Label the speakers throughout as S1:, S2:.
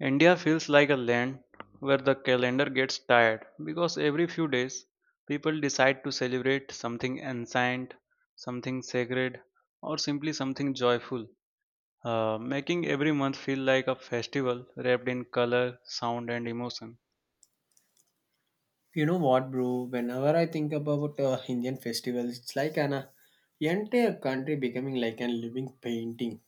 S1: India feels like a land where the calendar gets tired because every few days people decide to celebrate something ancient, something sacred, or simply something joyful, making every month feel like a festival wrapped in color, sound, and emotion.
S2: You know what, bro? Whenever I think about Indian festivals, it's like an entire country becoming like a living painting.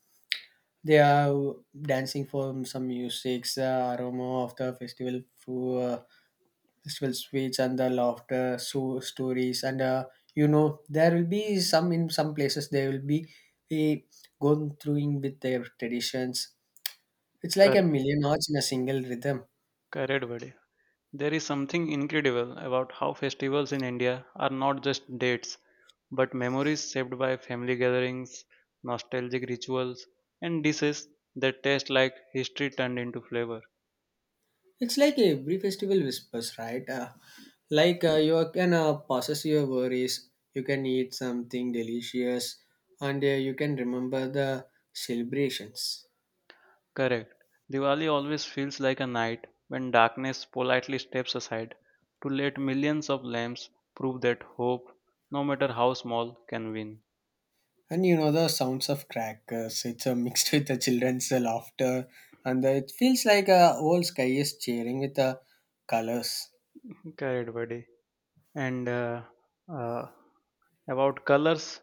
S2: They are dancing for some music, the aroma of the festival food, festival sweets, and the laughter, so stories, and you know there will be some in some places they will be eh, going through in with their traditions. It's like a
S1: Correct,
S2: million hearts in a single rhythm.
S1: correct, buddy. There is something incredible about how festivals in India are not just dates but memories shaped by family gatherings, nostalgic rituals, and dishes that taste like history turned into flavor.
S2: It's like every festival whispers, right? Like you can process your worries, you can eat something delicious, and you can remember the celebrations.
S1: Correct. Diwali always feels like a night when darkness politely steps aside to let millions of lamps prove that hope, no matter how small, can win.
S2: And you know the sounds of crackers. It's mixed with the children's laughter, and it feels like a whole sky is cheering with the colors.
S1: Correct, buddy. And uh, about colors,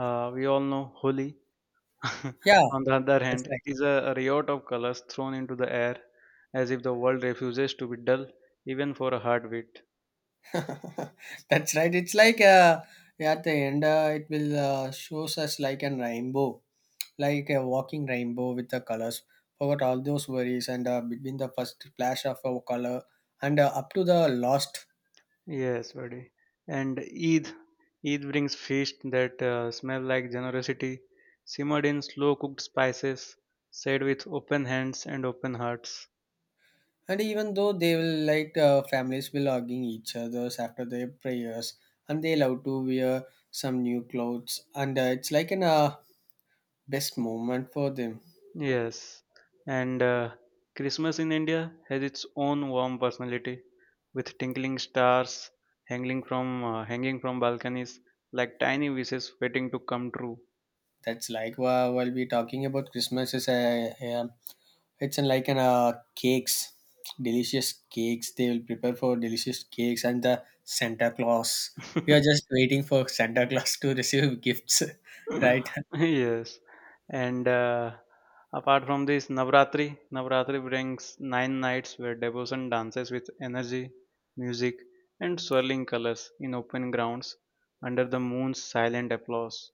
S1: we all know Holi
S2: Yeah,
S1: on the other
S2: that's
S1: hand,
S2: right.
S1: is a riot of colors thrown into the air as if the world refuses to be dull even for a heartbeat.
S2: That's right. It's like yeah, at the end, it will shows us like an rainbow, like a walking rainbow with the colors. Forgot all those worries and between the first flash of a color and up to the lost.
S1: Yes, buddy. And Eid, Eid brings feast that smell like generosity, simmered in slow cooked spices, said with open hands and open hearts.
S2: And even though they will like families will hugging each others after their prayers, and they love to wear some new clothes, and it's like an best moment for them.
S1: Yes, and Christmas in India has its own warm personality, with twinkling stars hanging from balconies like tiny wishes waiting to come true.
S2: That's like, while we talking about Christmas is a It's an- like an cakes, delicious cakes. They will prepare for delicious cakes and the Santa Claus. We are just waiting for Santa Claus to receive gifts, right?
S1: Yes, and apart from this, Navratri, Navratri brings nine nights where devotion dances with energy, music, and swirling colors in open grounds under the moon's silent applause.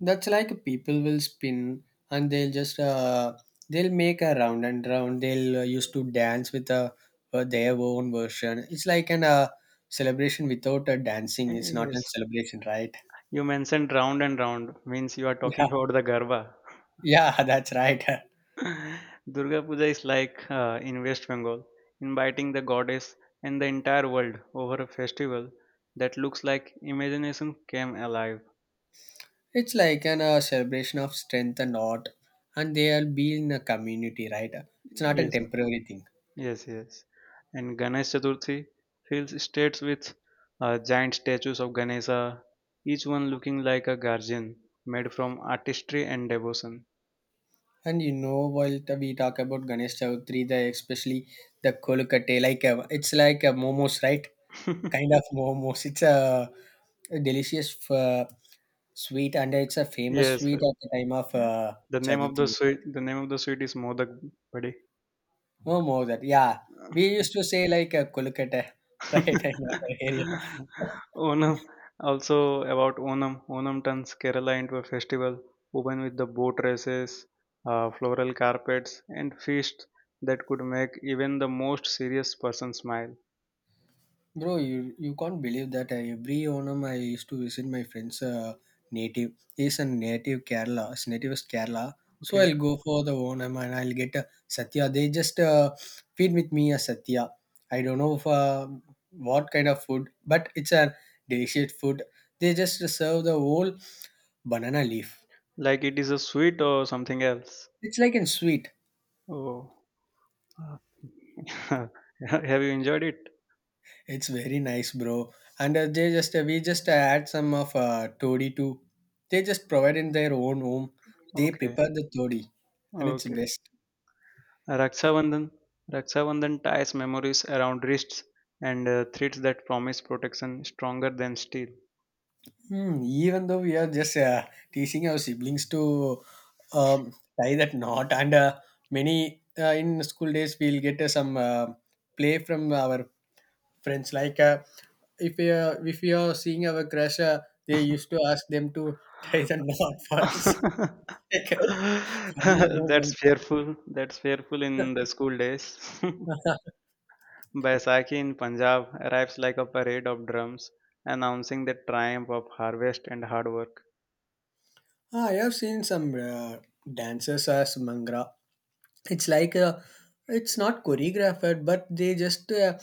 S2: That's like people will spin and they'll just they'll make a round and round. They'll used to dance with their own version. It's like an celebration without dancing. It's not a
S1: Yes.
S2: celebration, right?
S1: You mentioned round and round means you are
S2: Yeah,
S1: talking about the Garba.
S2: yeah, that's right.
S1: Durga Puja is like in West Bengal, inviting the goddess and the entire world over a festival that looks like imagination came alive.
S2: It's like an celebration of strength and art, and they are being a community, right? It's not a
S1: Yes,
S2: temporary thing.
S1: yes, yes. And Ganesh Chaturthi fills states with giant statues of Ganesha, each one looking like a guardian made from artistry and devotion.
S2: And you know, while we talk about Ganesh Chowdhury, the especially the kolkate, like a, it's like a momos, right? Kind of momos. It's a delicious sweet, and it's a famous
S1: yes,
S2: sweet at the time of
S1: yeah. The name of the
S2: Chowdhury.
S1: sweet the name of the sweet is Modak, buddy.
S2: Oh, more that, yeah. We used to say like a kolkate, right? In our area.
S1: Onam. Also about Onam. Onam turns Kerala into a festival, woven with the boat races, floral carpets, and feasts that could make even the most serious person smile.
S2: Bro, you can't believe that I, every Onam I used to visit my friend's native. He's a native Kerala. His native is Kerala. So
S1: Okay,
S2: I'll go for the Onam and I'll get a Satya. They just feed with me a Satya. I don't know if, what kind of food, but it's a delicious food. They just serve the whole banana leaf.
S1: like it is a sweet or something else.
S2: It's like a sweet.
S1: Oh, have you enjoyed it?
S2: It's very nice, bro. And they just we just add some of toddy too. They just provide in their own home. They
S1: Okay,
S2: prepare the toddy, and it's
S1: okay.
S2: best.
S1: Raksabandhan. Raksabandhan ties memories around wrists and threads that promise protection stronger than steel.
S2: Hmm, even though we are just teasing our siblings to um, tie that knot, and many in school days we'll get some play from our friends. Like if we are seeing our crush, they used to ask them to tie the knot first. Funny
S1: That's
S2: moment.
S1: fearful. That's fearful in the school days. Baisakhi in Punjab arrives like a parade of drums announcing the triumph of harvest and hard work.
S2: Ah, I have seen some dancers as Mangra. It's like it's not choreographed, but they just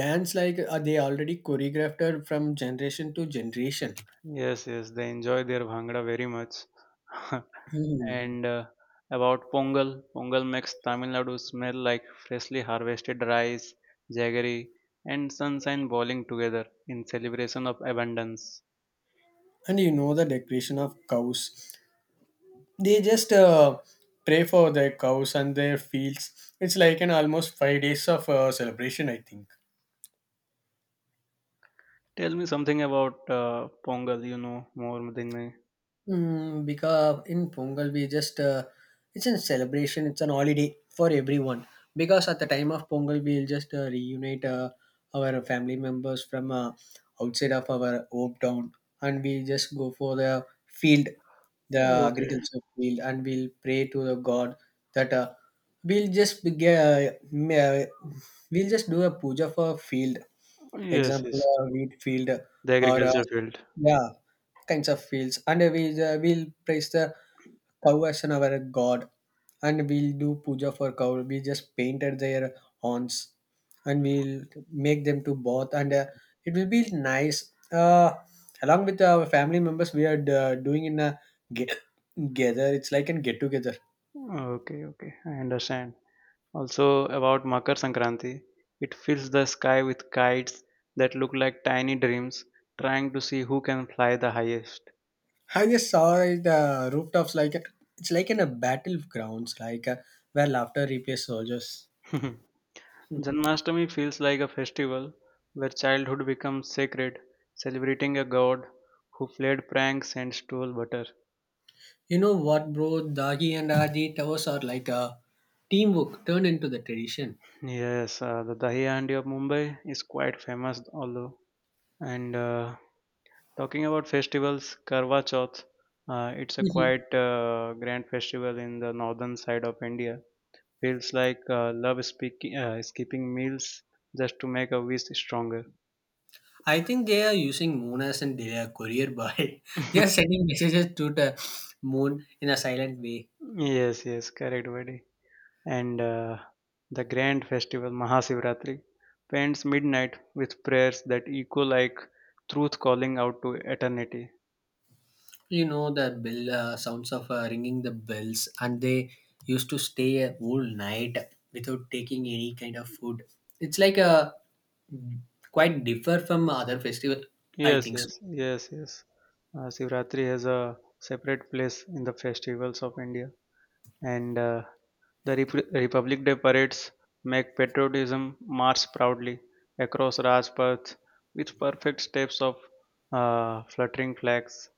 S2: dance like they already choreographed it from generation to generation.
S1: Yes, yes, they enjoy their bhangra very much.
S2: Hmm.
S1: And about Pongal, Pongal makes Tamil Nadu smell like freshly harvested rice, jaggery, and sunshine boiling together in celebration of abundance.
S2: And you know the decoration of cows. They just pray for their cows and their fields. It's like an almost 5 days of celebration, I think.
S1: Tell me something about Pongal, you know more than me.
S2: Mm, because in Pongal we just it's a celebration, it's an holiday for everyone. Because at the time of Pongal we'll just reunite our family members from outside of our home town, and we just go for the field, the
S1: Okay.
S2: agriculture field, and we'll pray to the God that we'll just be- uh, ma- we'll just do a puja for field
S1: Yes,
S2: example
S1: yes,
S2: wheat field
S1: the
S2: or
S1: agriculture field.
S2: yeah kinds of fields and we'll praise the cow as an our god and we'll do puja for cow we just painted their horns and we'll make them to bath and it will be nice along with our family members we are doing in a get together, it's like a get together.
S1: Okay, okay, I understand. Also about Makar Sankranti, it fills the sky with kites that look like tiny dreams trying to see who can fly the highest.
S2: I just saw the rooftops like it's like in a battlegrounds, like where laughter replaces soldiers.
S1: Janmashtami feels like a festival where childhood becomes sacred, celebrating a god who played pranks and stole butter.
S2: You know what, bro? Dagi and Adi towers are like a teamwork turned into the tradition.
S1: Yes, the Dahi Handi of Mumbai is quite famous, although. And talking about festivals, Karwa Chauth, it's a
S2: Mhm.
S1: quite grand festival in the northern side of India feels like love speaking, skipping meals just to make a wish stronger.
S2: I think they are using moon as in their courier boy. They are sending messages to the moon in a silent way.
S1: Yes, yes, correct, buddy. And the grand festival Mahashivratri paints midnight with prayers that echo like truth calling out to eternity.
S2: You know the bell sounds of ringing the bells, and they used to stay a whole night without taking any kind of food. It's like a quite differ from other festival. I
S1: Yes,
S2: think so.
S1: yes, yes, yes. Sivratri has a separate place in the festivals of India, and Republic Day parades make patriotism march proudly across Rajpath with perfect steps of fluttering flags.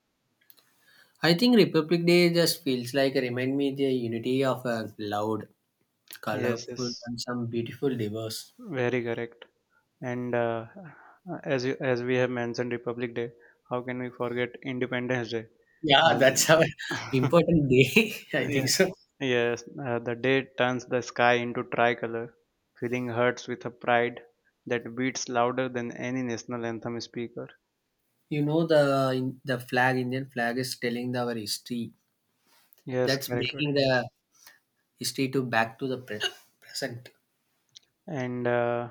S2: I think Republic Day just feels like a remind me the unity of a loud,
S1: Yes,
S2: colorful,
S1: yes,
S2: and some beautiful diverse.
S1: very correct. And as you, as we have mentioned Republic Day, how can we forget Independence Day?
S2: Yeah, that's our
S1: Uh,
S2: important day. I think
S1: yeah,
S2: so.
S1: yes, the day turns the sky into tricolor, filling hearts with a pride that beats louder than any national anthem speaker.
S2: You know the flag, Indian flag is telling our history.
S1: Yes,
S2: That's
S1: correct.
S2: making the history to back to the present.
S1: And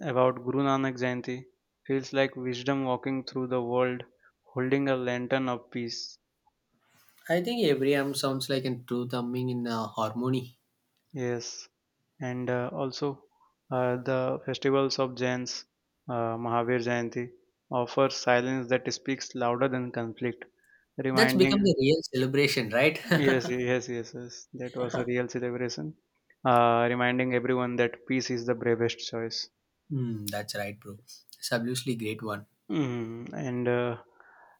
S1: about Guru Nanak Jayanti feels like wisdom walking through the world holding a lantern of peace.
S2: I think every am sounds like a true thumbing in harmony.
S1: Yes, and also the festivals of Jains, Mahavir Jayanti, offer silence that speaks louder than conflict,
S2: That's become
S1: reminding
S2: the real celebration, right?
S1: yes, yes, yes, yes, that was a real celebration, reminding everyone that peace is the bravest choice.
S2: Hmm, that's right, bro. It's absolutely great one.
S1: Mhm. And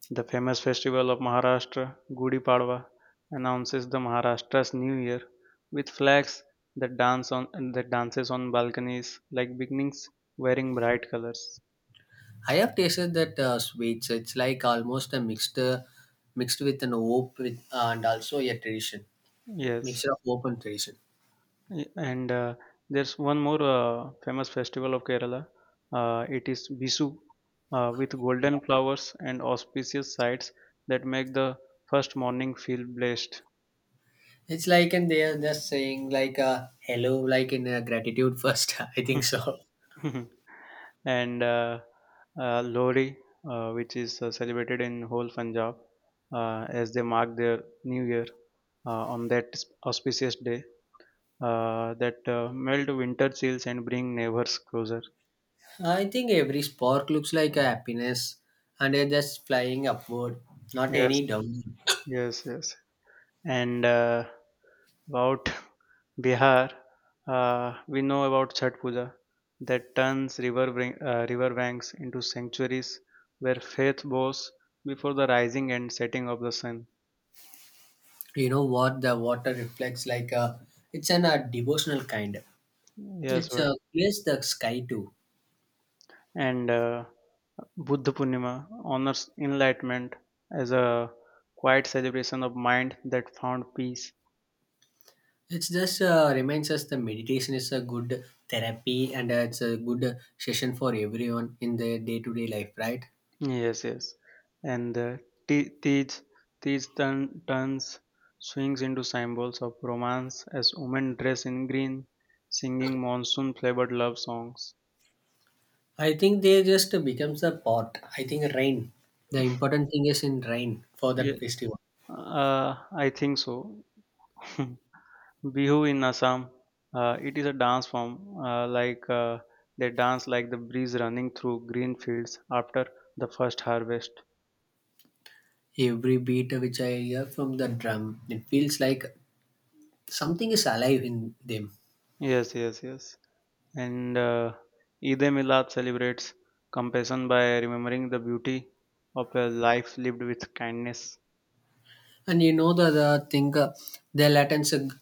S1: the famous festival of Maharashtra, Gudi Padwa, announces the Maharashtra's New Year with flags that dance on that dances on balconies like beginnings wearing bright colors.
S2: I have tasted that sweets. It's like almost a mixture mixed with an hope with, and also a tradition,
S1: Yes,
S2: mixture of hope and tradition.
S1: And there's one more famous festival of Kerala. It is Bisu, with golden flowers and auspicious sights that make the first morning feel blessed.
S2: It's like and they are just saying like hello, like in gratitude first. I think so.
S1: and Lohri, which is celebrated in whole Punjab as they mark their New Year on that auspicious day that melt winter chills and bring neighbors closer.
S2: I think every spark looks like a happiness, and they're just flying upward, not
S1: Yes,
S2: any down.
S1: yes, yes. And about Bihar, we know about Chhat Puja that turns river banks into sanctuaries where faith bows before the rising and setting of the sun.
S2: You know what the water reflects like a. It's an a devotional kind.
S1: Yes,
S2: It's
S1: what?
S2: a clears the sky too.
S1: And Buddha Purnima honors enlightenment as a quiet celebration of mind that found peace.
S2: It's just reminds us the meditation is a good therapy and it's a good session for everyone in their day to day life, right?
S1: Yes, yes. And Ti- Tej Tej turns swings into symbols of romance as women dress in green, singing monsoon flavored love songs.
S2: I think they just becomes a part. I think rain. The important thing is in rain for
S1: Yeah,
S2: that festival.
S1: I think so. Bihu in Assam, it is a dance form like they dance like the breeze running through green fields after the first harvest.
S2: Every beat which I hear from the drum, it feels like something is alive in them.
S1: Yes, yes, yes. And Eid Milad celebrates compassion by remembering the beauty of a life lived with kindness.
S2: And you know the thing, their latents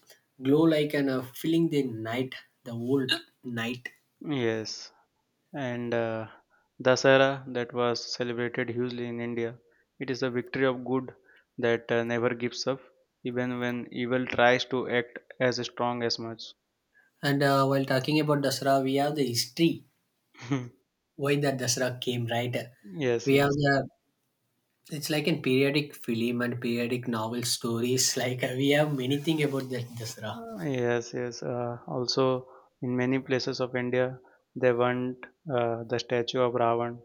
S2: glow like an filling the night, the old night.
S1: Yes, and Dasara that was celebrated hugely in India. It is the victory of good that never gives up, even when evil tries to act as strong as much.
S2: And while talking about Dasra, we have the history
S1: Hmm.
S2: why the Dasra came, right?
S1: Yes,
S2: We have
S1: yes,
S2: the it's like in periodic film and periodic novel stories. Like we have many thing about the Dasra,
S1: yes, yes. Also, in many places of India, they want the statue of Ravan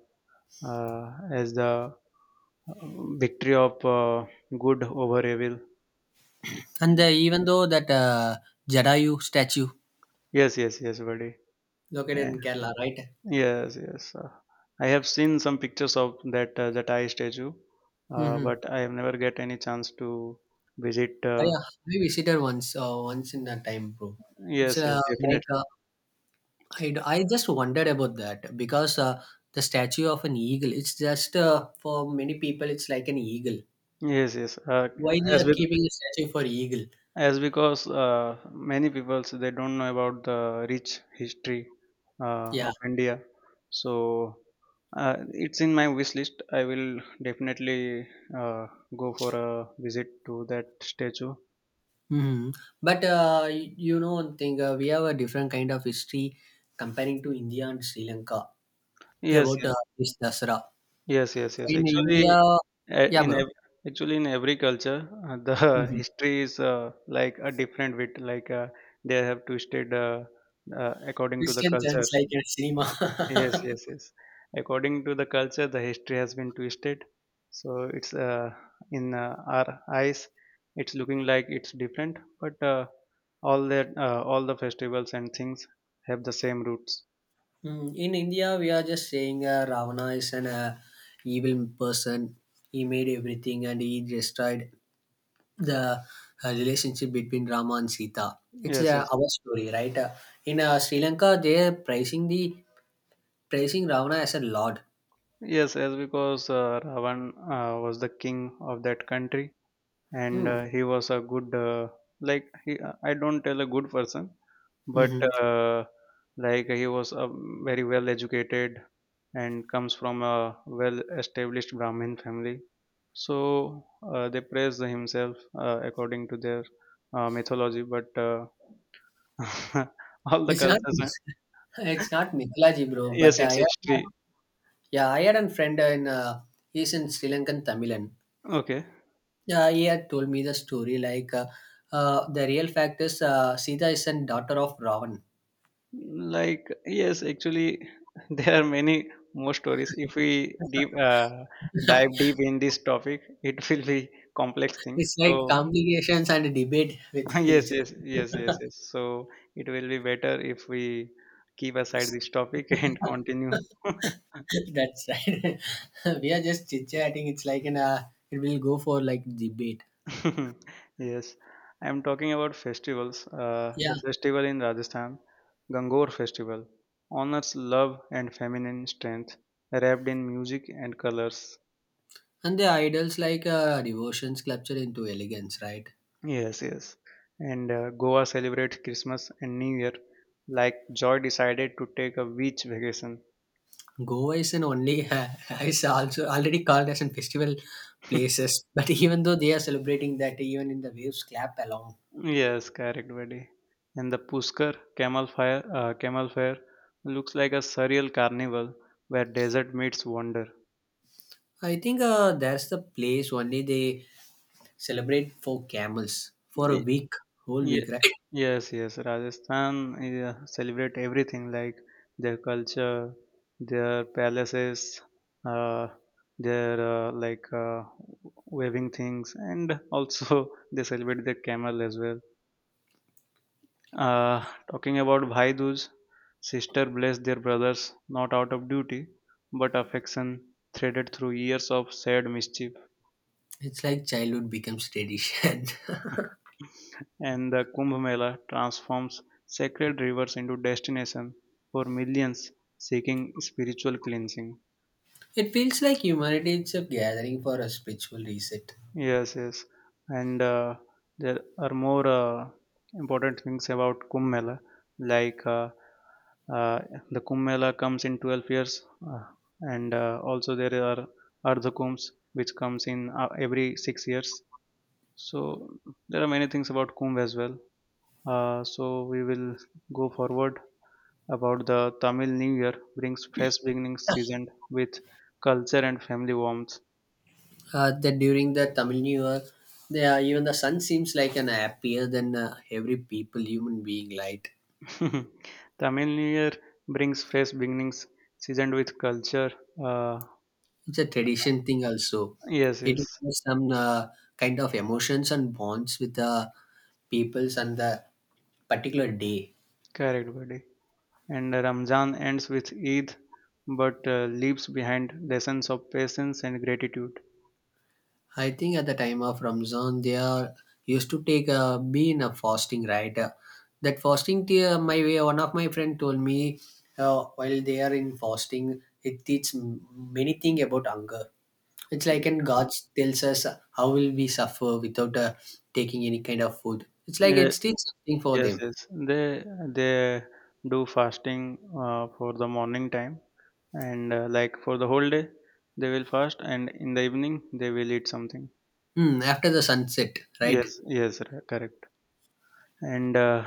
S1: uh, as the uh, victory of good over evil.
S2: and even though that Jadayu statue
S1: Yes, yes, yes, buddy.
S2: located
S1: Yeah.
S2: in Kerala, right?
S1: Yes, yes. I have seen some pictures of that I statue,
S2: Mm-hmm.
S1: but I have never get any chance to visit.
S2: I, uh, I visited once, once in a time, bro. It's
S1: Yes, yes,
S2: uh, like
S1: definitely.
S2: uh, I just wondered about that because the statue of an eagle. It's just for many people, it's like an eagle.
S1: Yes, yes.
S2: Why they
S1: As
S2: are
S1: with
S2: keeping a statue for eagle?
S1: as because many people so they don't know about the rich history
S2: Yeah,
S1: of India, so it's in my wish list. I will definitely uh, go for a visit to that statue.
S2: hmm. But you know one thing, we have a different kind of history comparing to India and Sri Lanka. Yeah,
S1: Yes,
S2: about
S1: yes,
S2: this Dasara.
S1: yes, yes, yes.
S2: In India,
S1: Actually, uh,
S2: yeah,
S1: in
S2: bro.
S1: ev- actually in every culture, the
S2: Hmm.
S1: history is like a different bit. Like they have twisted according to the
S2: Christian
S1: culture.
S2: chants like a
S1: Yes,
S2: cinema.
S1: yes, yes. According to the culture, the history has been twisted. So it's in our eyes, it's looking like it's different, but all the festivals and things have the same roots.
S2: Mm, in India, we are just saying Ravana is an evil person. He made everything and he destroyed the relationship between Rama and Sita. It's
S1: Yes, yes,
S2: our story, right? In Sri Lanka, they are praising Ravana as a lord.
S1: yes, yes. Because Ravan was the king of that country, and
S2: Mm.
S1: he was a good like he I don't tell a good person but
S2: Hmm.
S1: uh, like he was a very well educated and comes from a well established brahmin family so they praise himself according to their mythology but all the
S2: It's not
S1: cultures
S2: it's not Mikalaji, bro. But
S1: yes
S2: I
S1: it's
S2: had,
S1: history
S2: yeah, I had a friend in he's in Sri Lankan Tamilan.
S1: okay.
S2: Yeah, he had told me the story like the real fact is Sita is a daughter of Ravan.
S1: Like yes, actually, there are many more stories. If we deep dive deep in this topic, it will be complex
S2: It's
S1: things.
S2: like
S1: So
S2: complications and debate with
S1: yes,
S2: each other.
S1: yes, yes, yes, yes. So it will be better if we keep aside this topic and continue.
S2: That's right. We are just chit chatting. It's like an it will go for like debate.
S1: yes, I am talking about festivals.
S2: Yeah,
S1: The festival in Rajasthan, Gangor Festival, honors love and feminine strength, wrapped in music and colors.
S2: and the idols like devotions sculpture into elegance, right?
S1: Yes, yes. And Goa celebrates Christmas and New Year like Joy decided to take a beach vacation.
S2: Goa is an only is also already called as a festival places, but even though they are celebrating that even in the waves clap along.
S1: Yes, correct, buddy. And the camel fair looks like a surreal carnival where desert meets wonder.
S2: I think that's the place only they celebrate for camels for a week, whole week,
S1: Ye-
S2: right?
S1: yes, yes. Rajasthan yeah, celebrate everything like their culture, their palaces, uh, their waving things, and also they celebrate their camel as well. Uh, talking about Bhai Dooj, sister blessed their brothers not out of duty, but affection threaded through years of sad mischief.
S2: It's like childhood becomes tradition.
S1: And the Kumbh Mela transforms sacred rivers into destination for millions seeking spiritual cleansing.
S2: It feels like humanity is a gathering for a spiritual reset.
S1: Yes, yes, and there are more important things about Kumbh Mela, like uh, the Kumbh Mela comes in 12 years, and also there are Ardha Kumbhs which comes in every 6 years. So there are many things about Kumbh as well. So we will go forward about the Tamil New Year brings fresh beginnings seasoned with culture and family warmth.
S2: That during the Tamil New Year, they are, even the sun seems like an happier than every people human being light.
S1: Tamil New Year brings fresh beginnings seasoned with culture. Uh,
S2: It's a tradition thing also.
S1: yes,
S2: It
S1: yes,
S2: is some kind of emotions and bonds with the peoples and the particular day.
S1: correct, buddy. And Ramzan ends with Eid but leaves behind lessons of patience and gratitude.
S2: I think at the time of Ramzan, they are used to take a be in a fasting, right? That fasting, tea, my way, one of my friend told me while they are in fasting, it teaches many things about hunger. It's like and God tells us how will we suffer without taking any kind of food. It's like it teaches something for
S1: Yes,
S2: them.
S1: yes. They do fasting for the morning time, and like for the whole day, they will fast, and in the evening they will eat something.
S2: Hmm. After the sunset, right?
S1: Yes, yes, correct. And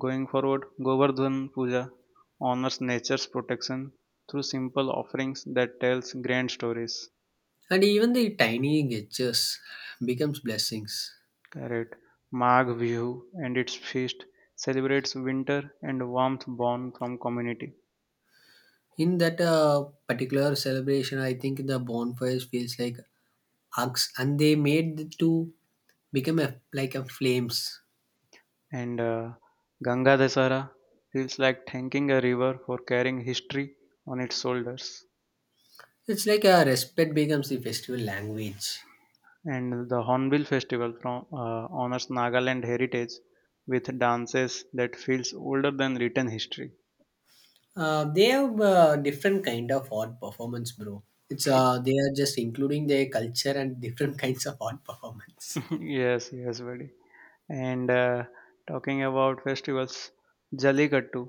S1: going forward, Govardhan Puja honors nature's protection through simple offerings that tells grand stories.
S2: And even the tiny gestures becomes blessings.
S1: Correct. Magh Bihu and its feast celebrates winter and warmth born from community.
S2: In that particular celebration, I think the bonfires feels like arcs, and they made it to become a, like a flames.
S1: And Ganga Dasara feels like thanking a river for carrying history on its shoulders.
S2: It's like a respect becomes the festival language.
S1: And the Hornbill Festival honors Nagaland heritage with dances that feels older than written history.
S2: They have different kind of art performance, bro. It's They are just including their culture and different kinds of art performance.
S1: Yes, yes, buddy. And Talking about festivals, Jallikattu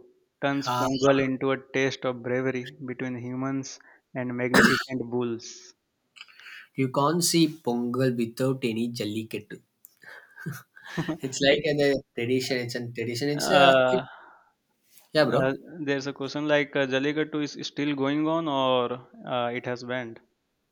S1: turns
S2: Uh,
S1: Pongal into a taste of bravery between humans and magnificent bulls.
S2: you can't see Pongal without any jallikattu. It's like
S1: Like,
S2: in a the tradition. It's a tradition.
S1: uh,
S2: Yeah,
S1: Uh,
S2: bro,
S1: there's a question Jallikattu is still going on or it has banned?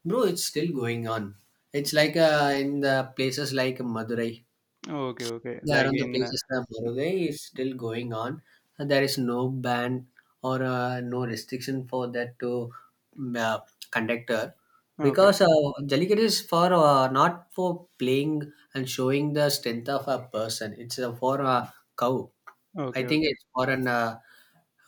S2: bro. It's still going on. It's like in the places like Madurai.
S1: Okay, okay.
S2: Yeah,
S1: Like
S2: around the
S1: in
S2: places like Madurai is still going on. And there is no ban or no restriction for that to mm, uh, conductor
S1: okay,
S2: because Jallikat is for not for playing and showing the strength of a person. It's for a cow. I
S1: okay,
S2: think
S1: okay.
S2: it's for an uh,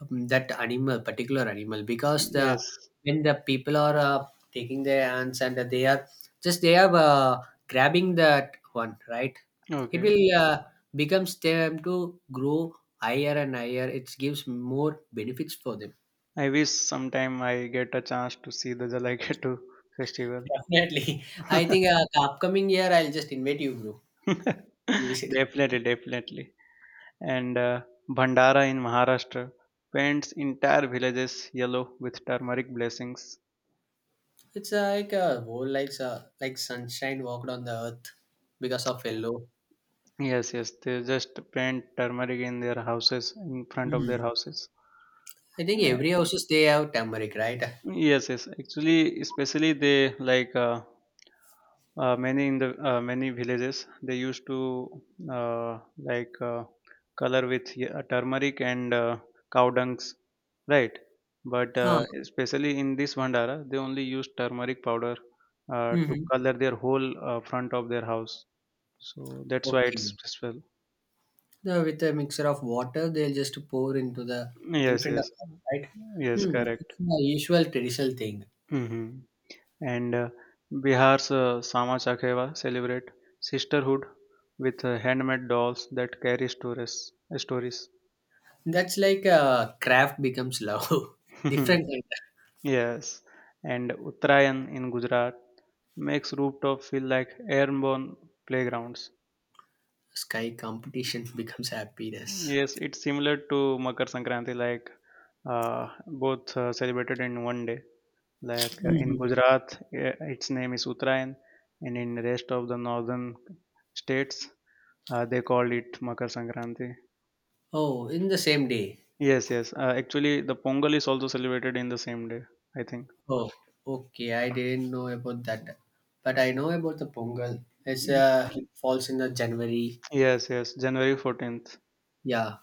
S2: um, that animal, particular animal, because the
S1: Yes.
S2: when the people are taking their ants and they are just they are grabbing that one, right? It
S1: Okay.
S2: will becomes them to grow higher and higher. It gives more benefits for them.
S1: I wish sometime I get a chance to see the Jallikattu festival.
S2: Definitely, I think the upcoming year I'll just invite you, bro. You visit.
S1: Definitely, definitely. And Bhandara in Maharashtra paints entire villages yellow with turmeric blessings.
S2: It's like a whole like sunshine walked on the earth because of yellow.
S1: Yes, yes. They just paint turmeric in their houses, in front of their
S2: Hmm.
S1: houses.
S2: I think every houses they have turmeric, right?
S1: Yes, yes. Actually, especially they many in the many villages they used to uh, like uh, color with turmeric and cow dungs, right? But especially in this Vandara, they only use turmeric powder to
S2: Huh.
S1: color their whole front of their house. So that's why it's
S2: Okay.
S1: special.
S2: The, with a mixture of water, they'll just pour into the in
S1: Yes,
S2: front of
S1: yes,
S2: them, right?
S1: yes.
S2: Hmm.
S1: Correct.
S2: It's a usual traditional thing.
S1: Hmm. And Bihar's Sama Chakheva celebrate sisterhood with handmade dolls that carry stories.
S2: That's like craft becomes love. Different kind
S1: Yes, and Uttarayan in Gujarat makes rooftop feel like airborne playgrounds.
S2: of sky competition becomes happiness.
S1: Yes, it's similar to Makar Sankranti, like both celebrated in 1 day. In
S2: Mhm.
S1: Gujarat, eh, its name is Uttarayan, and in rest of the northern states, they call it Makar Sankranti.
S2: Oh, in the same day.
S1: Yes, yes. Actually, the Pongal is also celebrated in the same day, I think.
S2: Oh, okay. I didn't know about that, but I know about the Pongal.
S1: Mhm.
S2: It falls in the January.
S1: Yes, yes. January 14th.
S2: Yeah,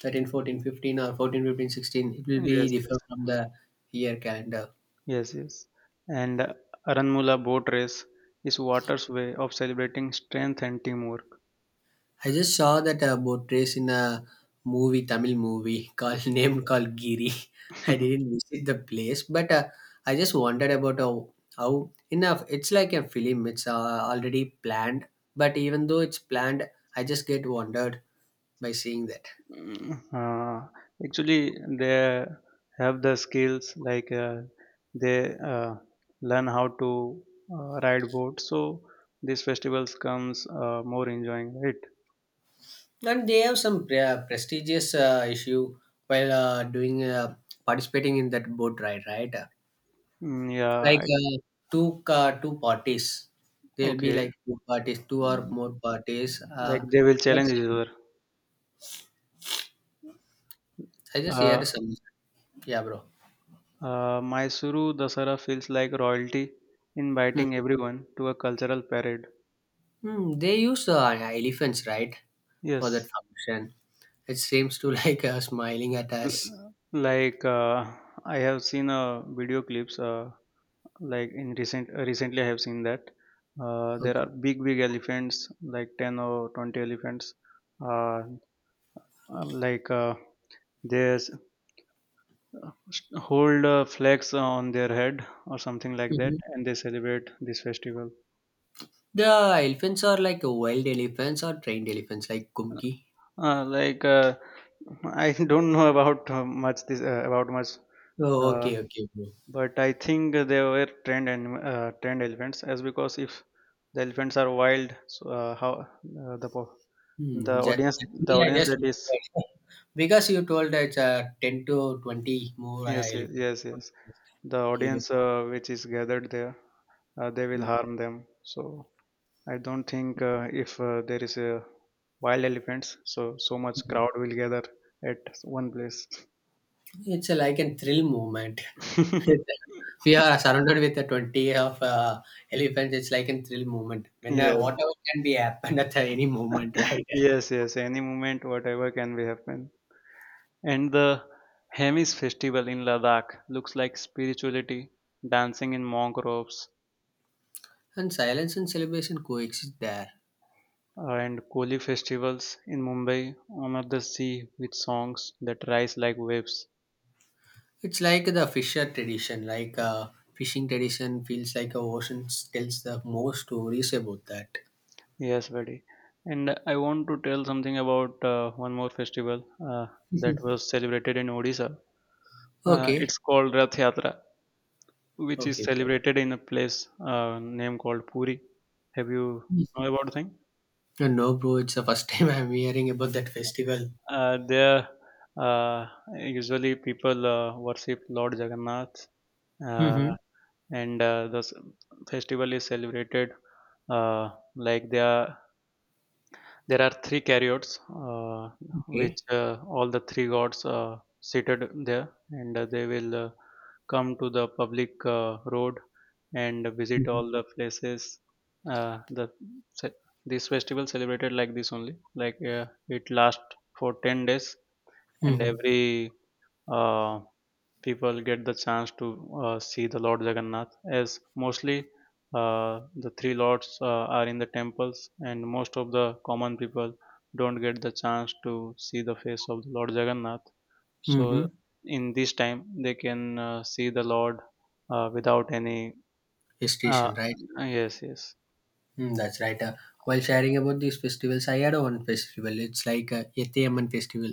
S2: 13, 14, 15, or 14, 15, 16. It will
S1: Yes,
S2: be
S1: yes.
S2: different from the year calendar.
S1: Yes, yes. And Aranmula boat race is water's way of celebrating strength and teamwork.
S2: I just saw that boat race in a movie, Tamil movie called named called Giri. I didn't visit the place, but I just wondered about how enough. It's like a film. It's already planned, but even though it's planned, I just get wondered by seeing that.
S1: Mm, Uh, actually, they have the skills they uh, learn how to ride boats. So these festivals comes more enjoying, right?
S2: And they have some prestigious issue while doing participating in that boat ride, right?
S1: Mm.
S2: Like
S1: Yeah.
S2: two parties. There'll be
S1: Okay,
S2: like two parties, two or
S1: um,
S2: more parties.
S1: like they will challenge each
S2: That's-
S1: other.
S2: I just
S1: Uh,
S2: hear some. Yeah, bro.
S1: Mysuru Dasara feels like royalty
S2: Hmm.
S1: inviting everyone to a cultural parade.
S2: Hmm, they use elephants, right, for that
S1: Yes,
S2: function. It seems to like smiling at us.
S1: l- like uh, I have seen video clips. Like in recently, I have seen that
S2: Okay.
S1: there are big elephants, like 10 or 20 elephants. Uh, um, like uh, they hold flags on their head or something like that
S2: Mhm.
S1: and they celebrate this festival.
S2: The elephants are like wild elephants or trained elephants, like Kumki.
S1: uh, like uh, I don't know about much this about much
S2: Oh,
S1: uh,
S2: okay, okay.
S1: but I think they were trained elephants as because if the elephants are wild, so how the po- the
S2: Hmm. Just,
S1: audience the
S2: actually, I
S1: audience
S2: just
S1: that is,
S2: because you told it's 10 to 20 more
S1: yes, yes,
S2: elephants.
S1: yes, yes,
S2: Just
S1: the audience
S2: curious.
S1: which is gathered there, they will
S2: Hmm.
S1: harm them, so I don't think if there is a wild elephants, so so much crowd will gather at one place.
S2: Mhm. It's a, like a thrill moment. We are surrounded with the 20 of elephants. It's like a thrill moment when
S1: Yes,
S2: whatever can be happen at any moment, right?
S1: yes, yes. Any moment, whatever can be happen. And the Hemis festival in Ladakh looks like spirituality, dancing in monk robes,
S2: And silence and celebration coexist there.
S1: and Koli festivals in Mumbai honor the sea with songs that rise like waves.
S2: It's like the fisher tradition like fishing tradition feels like a ocean tells the most stories about that.
S1: Yes, buddy. And I want to tell something about one more festival that was celebrated in Odisha.
S2: Okay.
S1: It's called Rath Yatra, which is
S2: Okay.
S1: celebrated in a place named called Puri. Have you know about the thing?
S2: No, bro, it's the first time I'm hearing about that festival.
S1: Uh, there, uh, usually people worship Lord Jagannath, uh,
S2: Mm-hmm.
S1: and the festival is celebrated, uh, like they are there are three chariots, which
S2: Okay.
S1: all the three gods seated there, and they will come to the public road and visit
S2: Mm-hmm.
S1: all the places. Uh, the ce- this festival celebrated like this only, like it lasts for 10 days, and
S2: Mm-hmm.
S1: every uh, people get the chance to see the Lord Jagannath, as mostly the three lords are in the temples, and most of the common people don't get the chance to see the face of the Lord Jagannath.
S2: Mm-hmm.
S1: So, in this time, they can see the Lord without any. Uh,
S2: Gestation, right?
S1: yes, yes.
S2: Mm, that's right. While sharing about these festivals, I had one festival. It's like a Yetiyamman festival.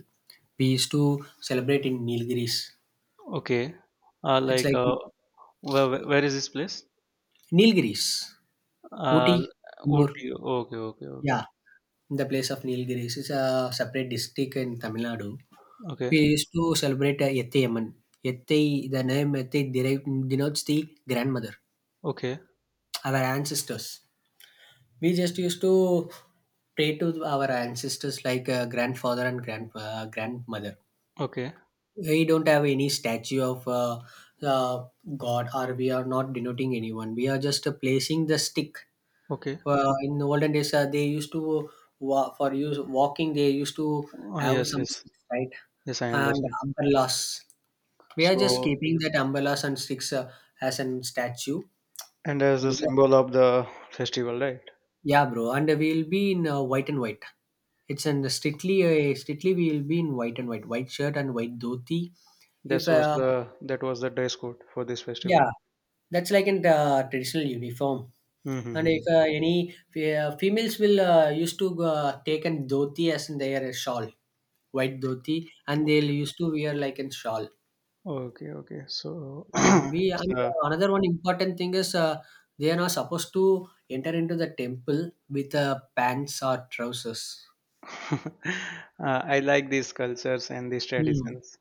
S2: We used to celebrate in Nilgiris.
S1: Okay.
S2: It's
S1: Like,
S2: like
S1: where, where is this place?
S2: Nilgiris,
S1: Uh,
S2: Ooty, More.
S1: Ooty. Okay, okay, okay,
S2: Yeah, in the place of Nilgiris. It's a separate district in Tamil Nadu.
S1: okay,
S2: We used to celebrate Yetiyamman. Yettai, the name Yettai derive, denotes the grandmother,
S1: okay,
S2: our ancestors. We just used to pray to our ancestors like grandfather and grandmother.
S1: okay,
S2: We don't have any statue of uh, God, or we are not denoting anyone. We are just placing the stick.
S1: okay.
S2: In the olden days, they used to, for use, walking, they used to have
S1: Yes,
S2: some
S1: yes.
S2: sticks, right?
S1: Yes, I
S2: And
S1: understand.
S2: umbrellas. We are just
S1: So,
S2: keeping that umbrellas and sticks as an statue.
S1: and as a
S2: Because,
S1: symbol of the festival, right?
S2: yeah, bro, and we'll be in white and white. It's an strictly strictly we'll be in white and white, white shirt and white dhoti. If
S1: This was the that was the dress code for this festival.
S2: yeah, that's like in the traditional uniform. And
S1: Mm-hmm.
S2: if any females will used to take an dhoti as in their shawl, white dhoti, and they'll
S1: Okay,
S2: used to wear like a shawl.
S1: okay, okay. So,
S2: Uh, we
S1: it's,
S2: and another one important thing is they are not supposed to enter into the temple with pants or trousers.
S1: uh, I like these cultures and these
S2: Hmm.
S1: traditions.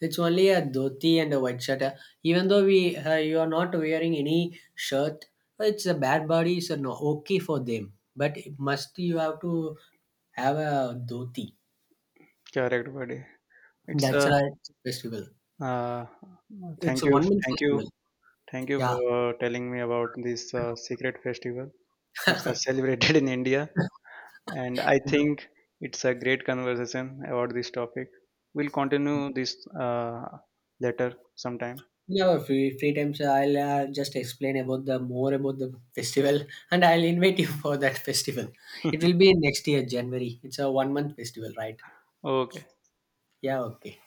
S2: It's only a dhoti and a white shirt. Even though we you are not wearing any shirt, it's a bad body, so no okay for them. But it must you have to have a dhoti.
S1: Correct, buddy. It's
S2: That's
S1: a
S2: right festival.
S1: uh, uh,
S2: It's
S1: thank
S2: a
S1: you,
S2: 1 month
S1: thank you,
S2: festival.
S1: thank you
S2: Yeah.
S1: for telling me about this secret festival which are celebrated in India. And I think it's a great conversation about this topic. We'll continue this later sometime.
S2: No, free times. I'll just explain about the more about the festival, and I'll invite you for that festival. It will be next year, January. It's a 1 month festival, right?
S1: Okay.
S2: Yeah, okay.